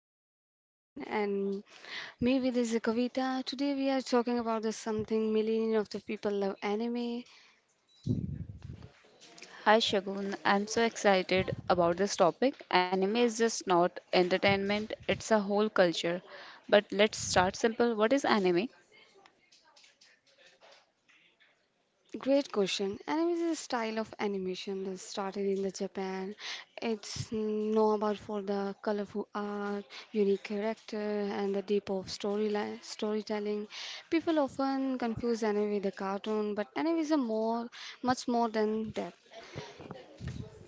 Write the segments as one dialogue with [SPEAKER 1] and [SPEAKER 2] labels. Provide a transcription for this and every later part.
[SPEAKER 1] I'm Shagun and me with is Kavita. Today we are talking about the something million of the people love anime.
[SPEAKER 2] Hi Shagun, I'm so excited about this topic. Anime is just not entertainment, it's a whole culture. But let's start simple. What is anime?
[SPEAKER 1] Great question. Anime is a style of animation that started in the Japan. It's known about for the colorful art, unique character, and the deep of storyline storytelling. People often confuse anime with the cartoon, but anime is much more than that.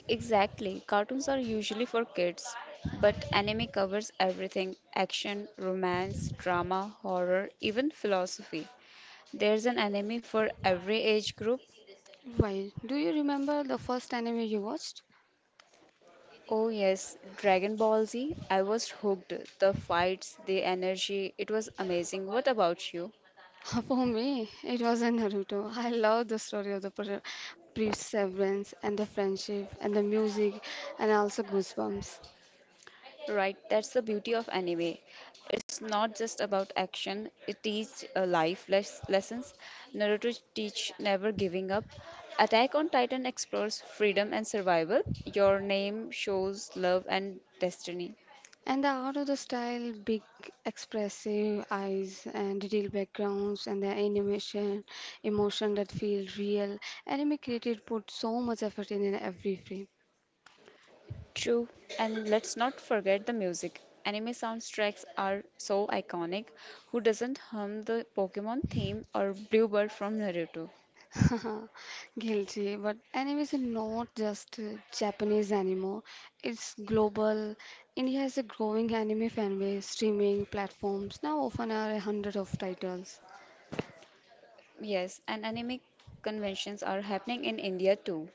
[SPEAKER 2] Exactly. Cartoons are usually for kids, but anime covers everything action, romance, drama, horror, even philosophy. There's an anime for every age group.
[SPEAKER 1] Why? Do you remember the first anime you watched?
[SPEAKER 2] Oh, yes, Dragon Ball Z. I was hooked. The fights, the energy, it was amazing. What about you?
[SPEAKER 1] For me, it was a Naruto. I love the story of the perseverance and the friendship and the music and also goosebumps.
[SPEAKER 2] Right, that's the beauty of anime. It's not just about action, it teaches life lessons. Naruto teach never giving up. Attack on Titan explores freedom and survival. Your name shows love and destiny.
[SPEAKER 1] And the art of the style, big expressive eyes and detailed backgrounds and the animation, emotion that feel real. Anime created put so much effort in every frame.
[SPEAKER 2] True, and let's not forget the music. Anime soundtracks are so iconic. Who doesn't hum the Pokemon theme or Bluebird from Naruto?
[SPEAKER 1] Guilty, but anime is not just Japanese anymore. It's global. India has a growing anime fan base. Streaming platforms now often are a hundred of titles.
[SPEAKER 2] Yes, and anime conventions are happening in India too.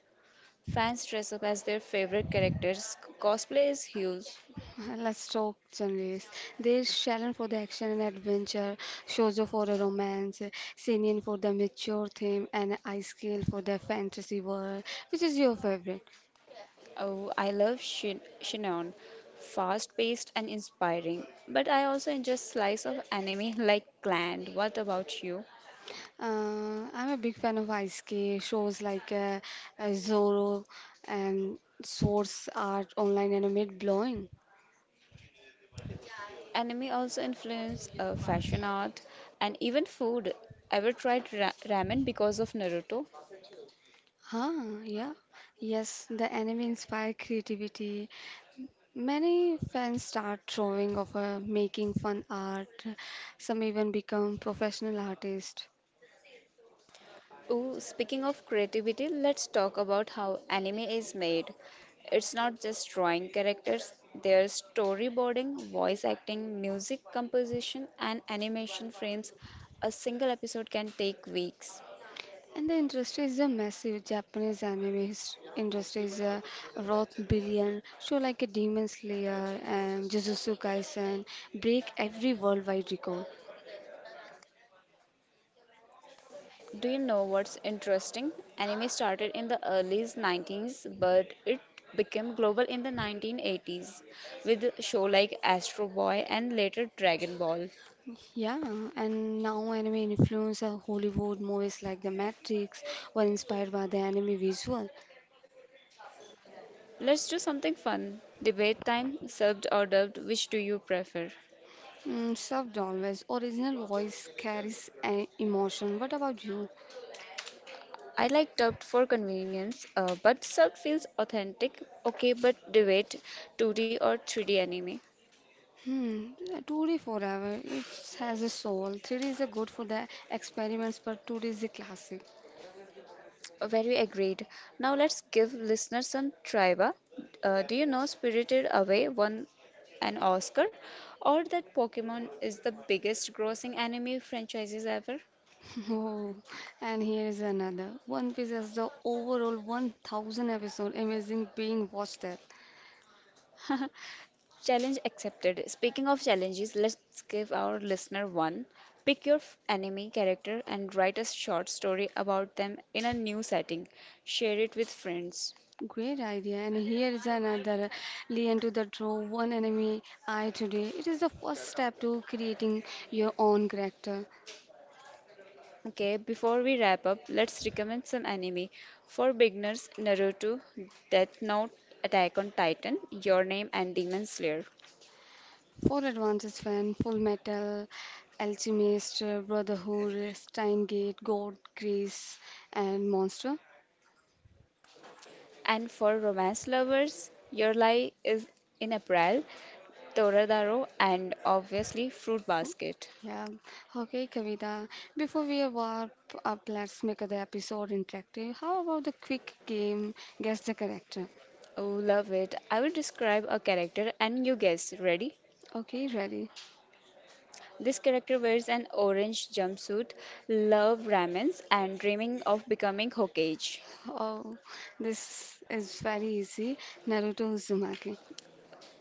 [SPEAKER 2] Fans dress up as their favorite characters. Cosplay is huge.
[SPEAKER 1] Let's talk genres. There's shonen for the action and adventure, shoujo for the romance, seinen for the mature theme, and ice scale for the fantasy world. Which is your favorite?
[SPEAKER 2] Oh, I love Shinon. Fast paced and inspiring. But I also enjoy slice of anime like Clan. What about you?
[SPEAKER 1] I'm a big fan of Ice K. Shows like Zorro and Swords Art Online and Mid Blowing.
[SPEAKER 2] Anime also influenced fashion art and even food. Ever tried ramen because of Naruto?
[SPEAKER 1] Huh, yeah. Yes, the anime inspire creativity. Many fans start drawing of making fun art. Some even become professional artists.
[SPEAKER 2] Ooh, speaking of creativity, let's talk about how anime is made. It's not just drawing characters, there's storyboarding, voice acting, music composition, and animation frames. A single episode can take weeks.
[SPEAKER 1] And the industry is a massive Japanese anime industry is a wrought billion show like a Demon Slayer and Jujutsu Kaisen break every worldwide record.
[SPEAKER 2] Do you know what's interesting? Anime started in the early 90s, but it became global in the 1980s with show like Astro Boy and later Dragon Ball.
[SPEAKER 1] Yeah, and now anime influence of Hollywood movies like The Matrix were inspired by the anime visual.
[SPEAKER 2] Let's do something fun. Debate time, served or dubbed, which do you prefer?
[SPEAKER 1] Mm, sub always original voice carries an emotion. What about you?
[SPEAKER 2] I like dubbed for convenience, but served feels authentic. Okay, but debate 2D or 3D anime.
[SPEAKER 1] Hmm, 2D forever. It has a soul. 3D is a good for the experiments, but 2D is a classic.
[SPEAKER 2] Very agreed. Now let's give listeners some trivia. Do you know Spirited Away won an Oscar, or that Pokemon is the biggest grossing anime franchises ever?
[SPEAKER 1] Oh, and here is another. One Piece has the overall 1,000 episode. Amazing being watched there.
[SPEAKER 2] Challenge accepted. Speaking of challenges, let's give our listener one. Pick your enemy character and write a short story about them in a new setting. Share it with friends.
[SPEAKER 1] Great idea. And here is another. Lean to the draw. One enemy eye today. It is the first step to creating your own character.
[SPEAKER 2] Okay, before we wrap up, let's recommend some anime. For beginners, Naruto, Death Note, Attack on Titan, Your Name, and Demon Slayer.
[SPEAKER 1] For advances fan, Full Metal, Alchemist, Brotherhood, Steingate, God, Grace, and Monster.
[SPEAKER 2] And for romance lovers, Your Lie is in April, Toradaro, and obviously Fruit Basket.
[SPEAKER 1] Yeah, okay, Kavita. Before we wrap up, let's make the episode interactive. How about the quick game, guess the character?
[SPEAKER 2] Oh, love it. I will describe a character and you guess. Ready?
[SPEAKER 1] Okay, ready?
[SPEAKER 2] This character wears an orange jumpsuit, love ramens, and dreaming of becoming Hokage.
[SPEAKER 1] Oh, this is very easy. Naruto Uzumaki.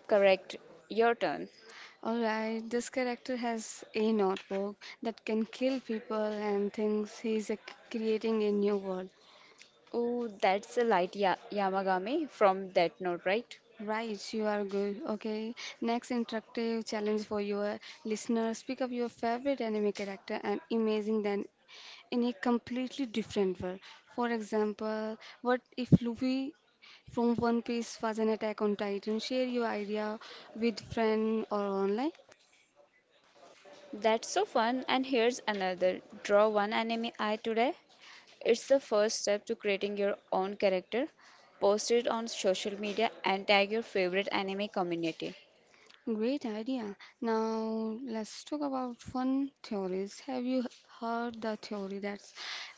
[SPEAKER 2] Correct. Your turn.
[SPEAKER 1] Alright, this character has a notebook that can kill people and thinks he's creating a new world.
[SPEAKER 2] Oh, that's a light ya Yamagami from that note, right?
[SPEAKER 1] Right, you are good. Okay, next interactive challenge for your listeners. Pick up your favorite anime character and imagine them in a completely different world. For example, what if Luffy from One Piece was an attack on Titan? Share your idea with friend or online.
[SPEAKER 2] That's so fun. And here's another. Draw one anime eye today. It's the first step to creating your own character. Post it on social media and tag your favorite anime community.
[SPEAKER 1] Great idea. Now let's talk about fun theories. Have you heard the theory that's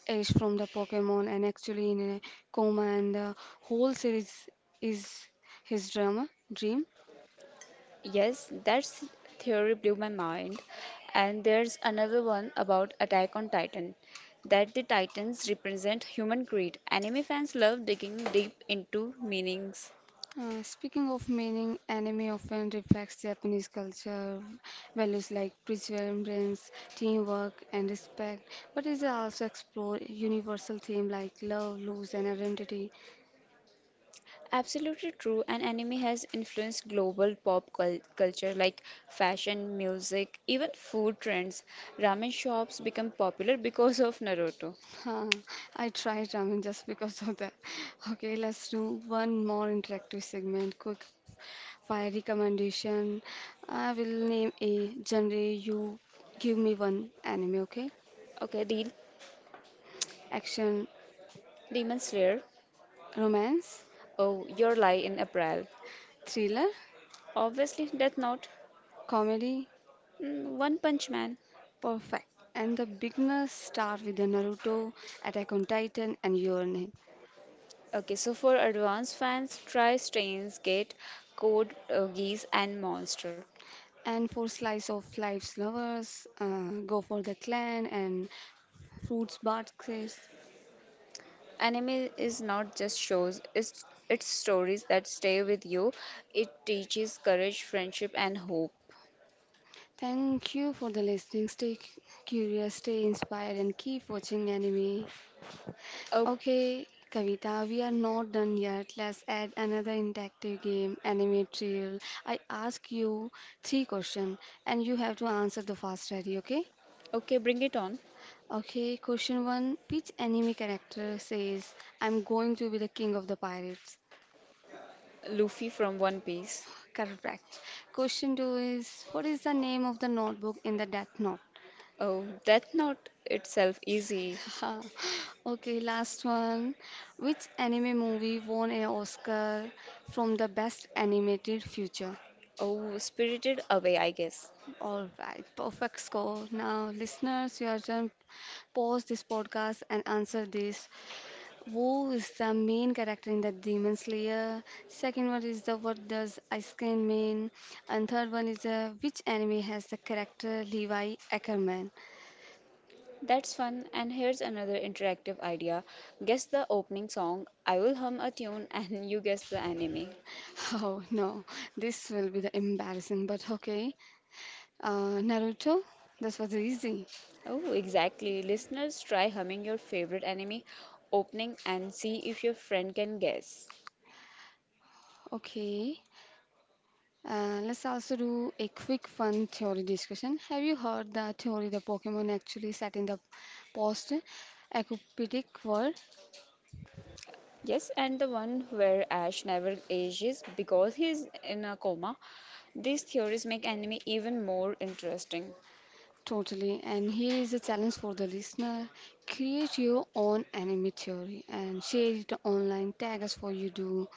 [SPEAKER 1] Ash from the Pokemon and actually in a coma and the whole series is his drama dream?
[SPEAKER 2] Yes, that's theory blew my mind. And there's another one about Attack on Titan, that the Titans represent human greed. Anime fans love digging deep into meanings.
[SPEAKER 1] Speaking of meaning, anime often reflects Japanese culture, values like perseverance, teamwork, and respect, but it also explores universal themes like love, loss, and identity.
[SPEAKER 2] Absolutely true, and anime has influenced global pop culture like fashion, music, even food trends. Ramen shops become popular because of Naruto.
[SPEAKER 1] Huh, I tried ramen just because of that. Okay, let's do one more interactive segment. Quick fire recommendation. I will name a genre. You give me one anime, okay?
[SPEAKER 2] Okay, deal.
[SPEAKER 1] Action,
[SPEAKER 2] Demon Slayer.
[SPEAKER 1] romance,
[SPEAKER 2] Oh, your lie in April.
[SPEAKER 1] thriller,
[SPEAKER 2] Obviously, Death Note.
[SPEAKER 1] comedy,
[SPEAKER 2] Mm, One Punch Man.
[SPEAKER 1] perfect. And the beginners start with the Naruto, Attack on Titan, and Your Name.
[SPEAKER 2] Okay, so for advanced fans, try Steins Gate, Code Geass, and Monster.
[SPEAKER 1] And for slice of life's lovers, go for the clan and fruits baskets.
[SPEAKER 2] Anime is not just shows; it's stories that stay with you. It teaches courage, friendship, and hope.
[SPEAKER 1] Thank you for the listening. Stay curious, stay inspired, and keep watching anime.
[SPEAKER 2] Oh,
[SPEAKER 1] Okay, Kavita, we are not done yet. Let's add another interactive game, anime trial. I ask you three questions, and you have to answer the fast ready. Okay?
[SPEAKER 2] okay, bring it on,
[SPEAKER 1] Okay, question one. Which anime character says, I'm going to be the king of the pirates?
[SPEAKER 2] Luffy from One Piece.
[SPEAKER 1] Correct. Question two is, what is the name of the notebook in the Death Note?
[SPEAKER 2] Oh, that's not itself easy.
[SPEAKER 1] Okay, last one. Which anime movie won an Oscar from the best animated feature?
[SPEAKER 2] Oh, Spirited Away, I guess.
[SPEAKER 1] All right, perfect score. Now, listeners, your turn. Pause this podcast and answer this. Wo is the main character in the Demon Slayer. Second one is the what does Ice Cream mean? And third one is which anime has the character Levi Ackerman?
[SPEAKER 2] That's fun, and here's another interactive idea. Guess the opening song, I will hum a tune, and you guess the anime.
[SPEAKER 1] Oh no, this will be the embarrassing. But okay, Naruto. This was easy.
[SPEAKER 2] Oh, exactly. Listeners, try humming your favorite anime opening and see if your friend can guess.
[SPEAKER 1] Okay, let's also do a quick fun theory discussion. Have you heard the theory the Pokemon actually set in the post apocalyptic world?
[SPEAKER 2] Yes, and the one where Ash never ages because he's in a coma. These theories make anime even more interesting.
[SPEAKER 1] Totally. And here is a challenge for the listener. Create your own anime theory and share it online. Tag us for you do.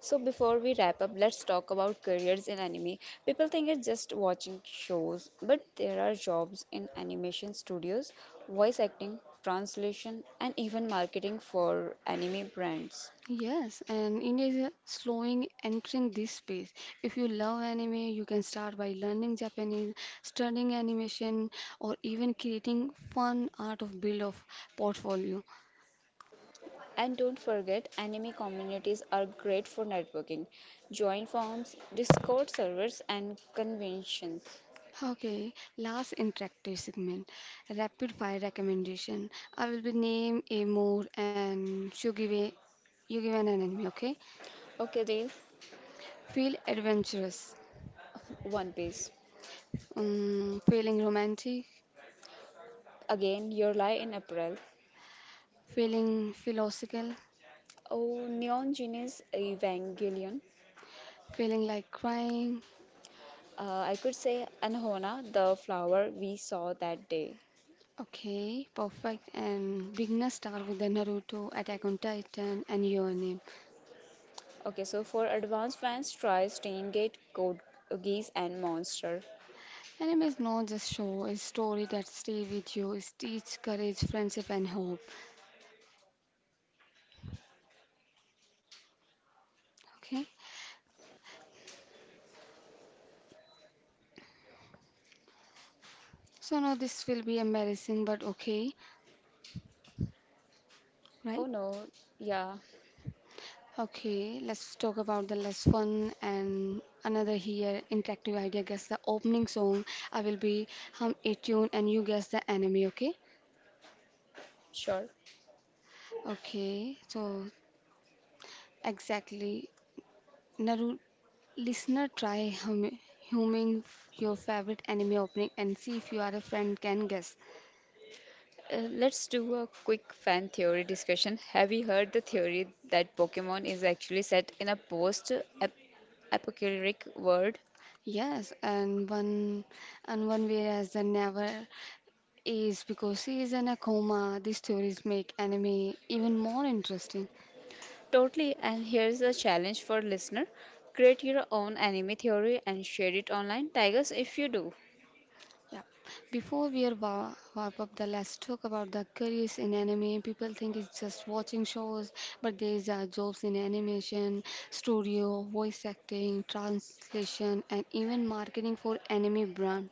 [SPEAKER 2] So, before we wrap up, let's talk about careers in anime. People think it's just watching shows, but there are jobs in animation studios, voice acting, translation, and even marketing for anime brands.
[SPEAKER 1] Yes, and India is slowing entering this space. If you love anime, you can start by learning Japanese, studying animation, or even creating fun art of build of portfolio.
[SPEAKER 2] And don't forget, anime communities are great for networking. Join forums, Discord servers, and conventions.
[SPEAKER 1] Okay, last interactive segment, rapid fire recommendation. I will be name a more and you give an enemy. Okay,
[SPEAKER 2] Okay, Dil,
[SPEAKER 1] feel adventurous,
[SPEAKER 2] One Piece.
[SPEAKER 1] feeling romantic,
[SPEAKER 2] Again, your lie in April.
[SPEAKER 1] feeling philosophical,
[SPEAKER 2] Oh, Neon Genesis Evangelion.
[SPEAKER 1] feeling like crying.
[SPEAKER 2] I could say Anhona, the flower we saw that day.
[SPEAKER 1] Okay, perfect. And beginner start with the Naruto, Attack on Titan, and Your Name.
[SPEAKER 2] Okay, so for advanced fans, try Stain Gate, Code Geass, and Monster.
[SPEAKER 1] Anime is not just show, it's story that stay with you, it teach courage, friendship, and hope. Okay. So now this will be embarrassing, but okay,
[SPEAKER 2] Oh
[SPEAKER 1] right?
[SPEAKER 2] no, yeah,
[SPEAKER 1] Okay, let's talk about the less fun and another here interactive idea. Guess the opening song. I will be hum a tune and you guess the anime. Okay?
[SPEAKER 2] sure.
[SPEAKER 1] Okay. So exactly, Naru listener, try humming your favorite anime opening and see if you are a friend can guess.
[SPEAKER 2] Let's do a quick fan theory discussion. Have you heard the theory that Pokemon is actually set in a post ap- apocalyptic world?
[SPEAKER 1] Yes, and one way as the never is because he is in a coma, these stories make anime even more interesting.
[SPEAKER 2] Totally. And here's a challenge for listener. Create your own anime theory and share it online. Tigers if you do.
[SPEAKER 1] Yeah. Before we are wrap up the let's talk about the careers in anime. People think it's just watching shows, but there's are jobs in animation, studio, voice acting, translation, and even marketing for anime brand.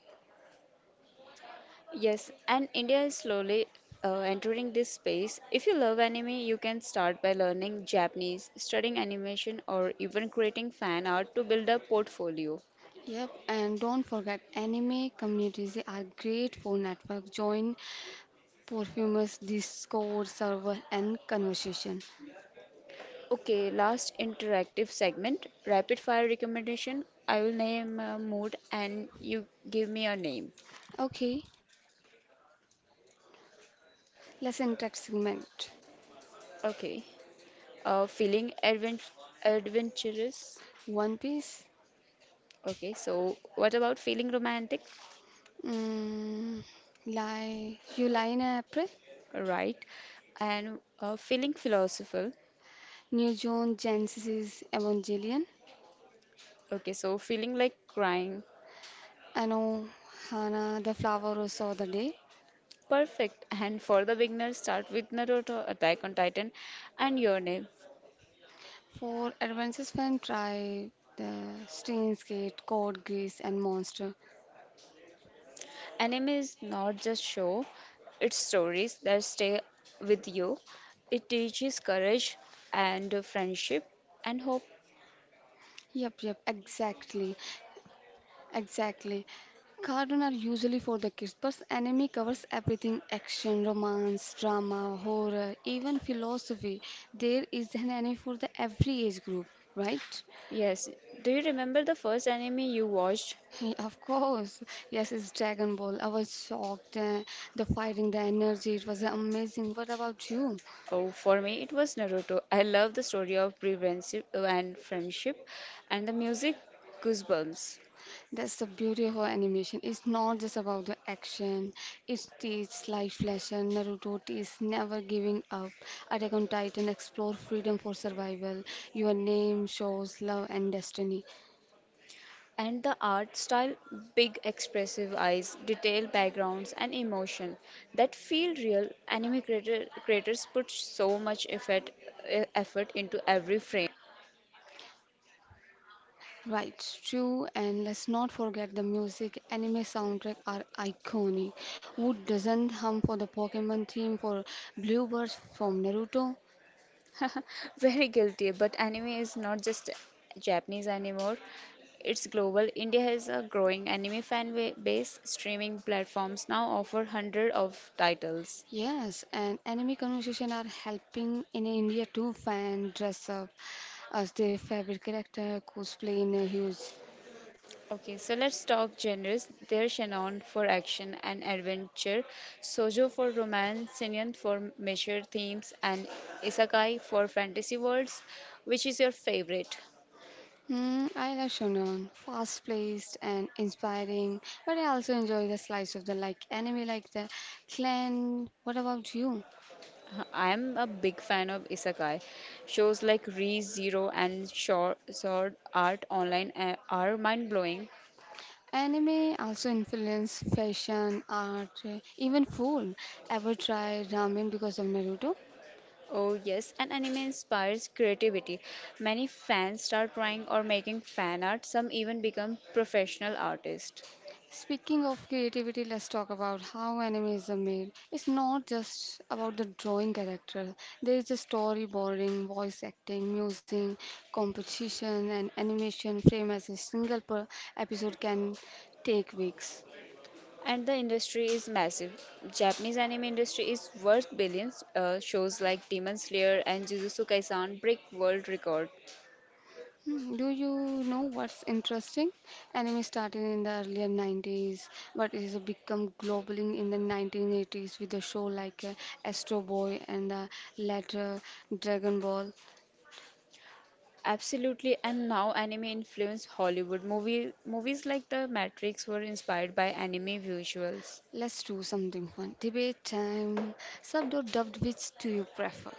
[SPEAKER 2] Yes, and India is slowly entering this space. If you love anime, you can start by learning Japanese, studying animation, or even creating fan art to build a portfolio.
[SPEAKER 1] Yep, and don't forget anime communities are great for network join perfumers, Discord server and conversation.
[SPEAKER 2] Okay, last interactive segment, rapid fire recommendation. I will name a mood and you give me a name.
[SPEAKER 1] Okay, Lesson Tech segment.
[SPEAKER 2] Okay. Feeling adventurous.
[SPEAKER 1] One Piece.
[SPEAKER 2] Okay, so what about feeling romantic?
[SPEAKER 1] Mm, you lie in April.
[SPEAKER 2] Right. And feeling philosophical.
[SPEAKER 1] New Joan Genesis Evangelion.
[SPEAKER 2] Okay, so feeling like crying.
[SPEAKER 1] Ano Hana, the flower who saw the day.
[SPEAKER 2] Perfect. And for the beginners, start with Naruto, Attack on Titan, and your name.
[SPEAKER 1] For adventures fan, try the Steins Gate, Code Grease, and Monster.
[SPEAKER 2] Anime is not just show, it's stories that stay with you. It teaches courage and friendship and hope.
[SPEAKER 1] Yep, yep, exactly. Exactly. Cartoons are usually for the kids, but anime covers everything action, romance, drama, horror, even philosophy. There is an anime for the every age group, right?
[SPEAKER 2] Yes. Do you remember the first anime you watched?
[SPEAKER 1] Of course. Yes, it's Dragon Ball. I was shocked. The fighting, the energy, it was amazing. What about you?
[SPEAKER 2] Oh, for me, it was Naruto. I love the story of brave and friendship and the music goosebumps.
[SPEAKER 1] That's the beauty of her animation. It's not just about the action. It teaches life lesson. Naruto teaches never giving up. Attack on Titan explore freedom for survival. Your name shows love and destiny.
[SPEAKER 2] And the art style big expressive eyes, detailed backgrounds, and emotion that feel real. Creators put so much effort, effort into every frame.
[SPEAKER 1] Right, true. And let's not forget the music. Anime soundtrack are iconic. Who doesn't hum for the Pokemon theme for Bluebirds from Naruto?
[SPEAKER 2] Very guilty, but anime is not just Japanese anymore. It's global. India has a growing anime base. Streaming platforms now offer hundred of titles.
[SPEAKER 1] Yes, and anime conversation are helping in India too. Fan dress up as their favorite character, cosplay in a huge.
[SPEAKER 2] Okay, so let's talk genres. There's Shannon for action and adventure, Sojo for romance, Sinin for mature themes, and Isekai for fantasy worlds. Which is your favorite?
[SPEAKER 1] Hmm, I love shonen, fast-paced and inspiring, but I also enjoy the slice of the like anime, like the clan. What about you?
[SPEAKER 2] I'm a big fan of Isekai. Shows like Re Zero and Sword Art Online are mind blowing.
[SPEAKER 1] Anime also influence fashion, art, even food. Ever try ramen because of Naruto?
[SPEAKER 2] Oh, yes, and anime inspires creativity. Many fans start drawing or making fan art, some even become professional artists.
[SPEAKER 1] Speaking of creativity, let's talk about how animes are made. It's not just about the drawing character. There is the storyboarding, voice acting, music, composition, and animation frame as a single per episode can take weeks.
[SPEAKER 2] And the industry is massive. Japanese anime industry is worth billions. Shows like Demon Slayer and Jujutsu Kaisen break world record.
[SPEAKER 1] Hmm, do you know what's interesting? Anime started in the earlier 90s, but it has become global in the 1980s with a show like Astro Boy and the later Dragon Ball.
[SPEAKER 2] Absolutely, and now anime influenced Hollywood movie. Movies like The Matrix were inspired by anime visuals.
[SPEAKER 1] Let's do something fun. Debate time. Subbed or dubbed, which do you prefer?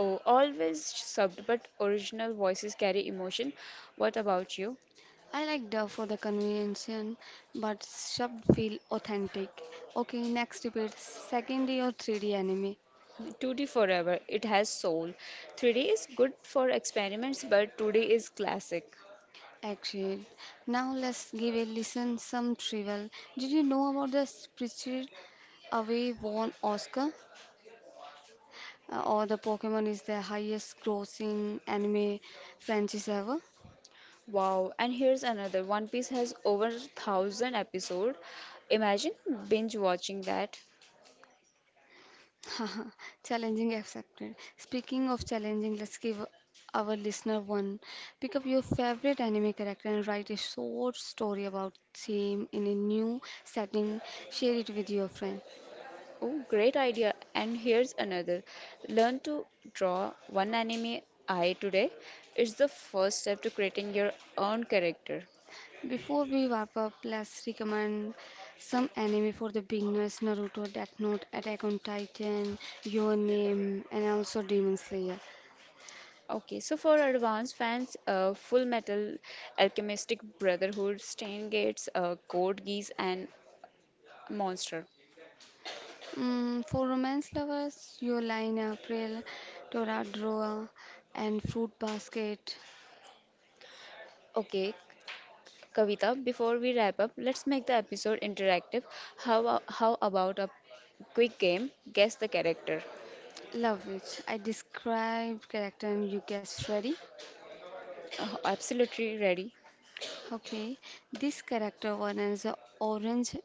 [SPEAKER 2] Oh, always subbed, but original voices carry emotion. What about you?
[SPEAKER 1] I like dub for the convention, but subbed feel authentic. Okay, next debate. Second D or 3D anime?
[SPEAKER 2] 2D forever. It has soul. 3D is good for experiments, but 2D is classic.
[SPEAKER 1] Actually, now let's give a listen some trivial. Did you know about the spiritual away won Oscar? Or the Pokemon is the highest grossing anime franchise ever?
[SPEAKER 2] Wow, and here's another. One Piece has over 1000 episode. Imagine binge watching that.
[SPEAKER 1] Challenging accepted. Speaking of challenging, let's give our listener one. Pick up your favorite anime character and write a short story about him in a new setting. Share it with your friend.
[SPEAKER 2] Oh, great idea. And here's another. Learn to draw one anime eye today. It's the first step to creating your own character.
[SPEAKER 1] Before we wrap up, let's recommend some anime for the beginners: Naruto, Death Note, Attack on Titan, Your Name, and also Demon Slayer.
[SPEAKER 2] Okay, so for advanced fans, Full Metal Alchemistic Brotherhood, Stain Gates, Code Geass and Monster.
[SPEAKER 1] Mm, for romance lovers, Your Line, April, Toradora, and Fruit Basket.
[SPEAKER 2] Okay, Kavita, before we wrap up, let's make the episode interactive. How about a quick game? Guess the character.
[SPEAKER 1] Love it. I describe character and you guess ready.
[SPEAKER 2] Oh, absolutely ready.
[SPEAKER 1] Okay, this character one is a orange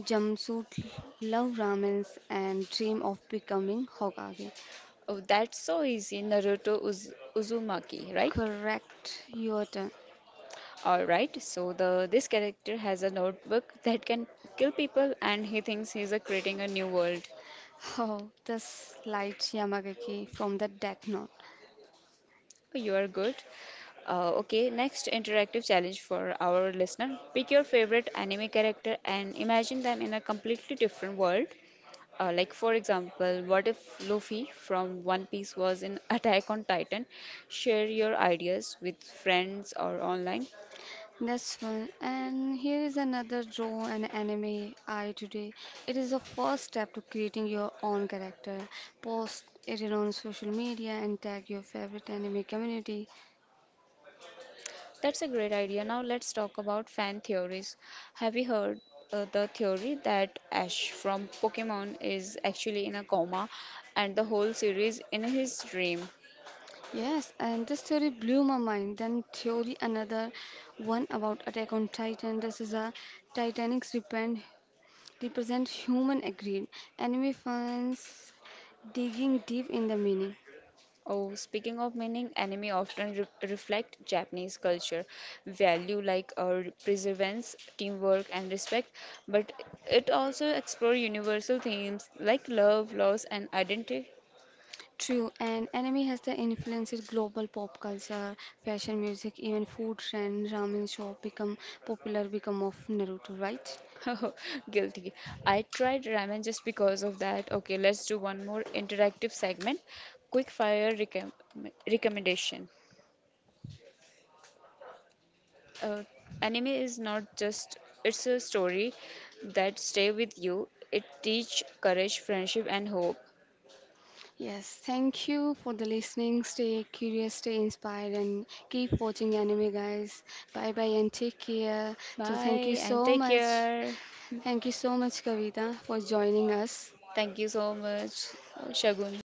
[SPEAKER 1] jumpsuit, love ramens and dream of becoming Hokage.
[SPEAKER 2] Oh, that's so easy. Naruto Uzumaki, right?
[SPEAKER 1] Correct, your turn.
[SPEAKER 2] All right. So the this character has a notebook that can kill people, and he thinks he's creating a new world.
[SPEAKER 1] Oh, the slight Yamagaki from the Death Note.
[SPEAKER 2] Oh, You are good. Okay, next interactive challenge for our listener. Pick your favorite anime character and imagine them in a completely different world. Like for example, what if Luffy from One Piece was in Attack on Titan? Share your ideas with friends or online.
[SPEAKER 1] That's fun. And here is another draw an anime I today. It is the first step to creating your own character. Post it on social media and tag your favorite anime community.
[SPEAKER 2] That's a great idea. Now let's talk about fan theories. Have you heard the theory that Ash from Pokemon is actually in a coma and the whole series in his dream?
[SPEAKER 1] Yes, and this theory blew my mind. Then theory another one about Attack on Titan. This is a Titanics repent represent human agreed. Anime fans digging deep in the meaning.
[SPEAKER 2] Oh, speaking of meaning, anime often re reflect Japanese culture, value like perseverance, teamwork, and respect, but it also explore universal themes like love, loss, and identity.
[SPEAKER 1] True, and anime has the influence in global pop culture, fashion, music, even food trend, ramen shop become popular become of Naruto, right?
[SPEAKER 2] Guilty. I tried ramen just because of that. Okay, let's do one more interactive segment. Quick fire recommendation. Uh, anime is not just it's a story that stay with you. It teach courage, friendship, and hope.
[SPEAKER 1] Yes, thank you for the listening. Stay curious, stay inspired, and keep watching anime, guys. Bye bye and take care. So thank you
[SPEAKER 2] Bye and
[SPEAKER 1] so
[SPEAKER 2] take
[SPEAKER 1] much,
[SPEAKER 2] care.
[SPEAKER 1] thank you so much, Kavita, for joining us.
[SPEAKER 2] Thank you so much,
[SPEAKER 1] Okay.
[SPEAKER 2] Shagun.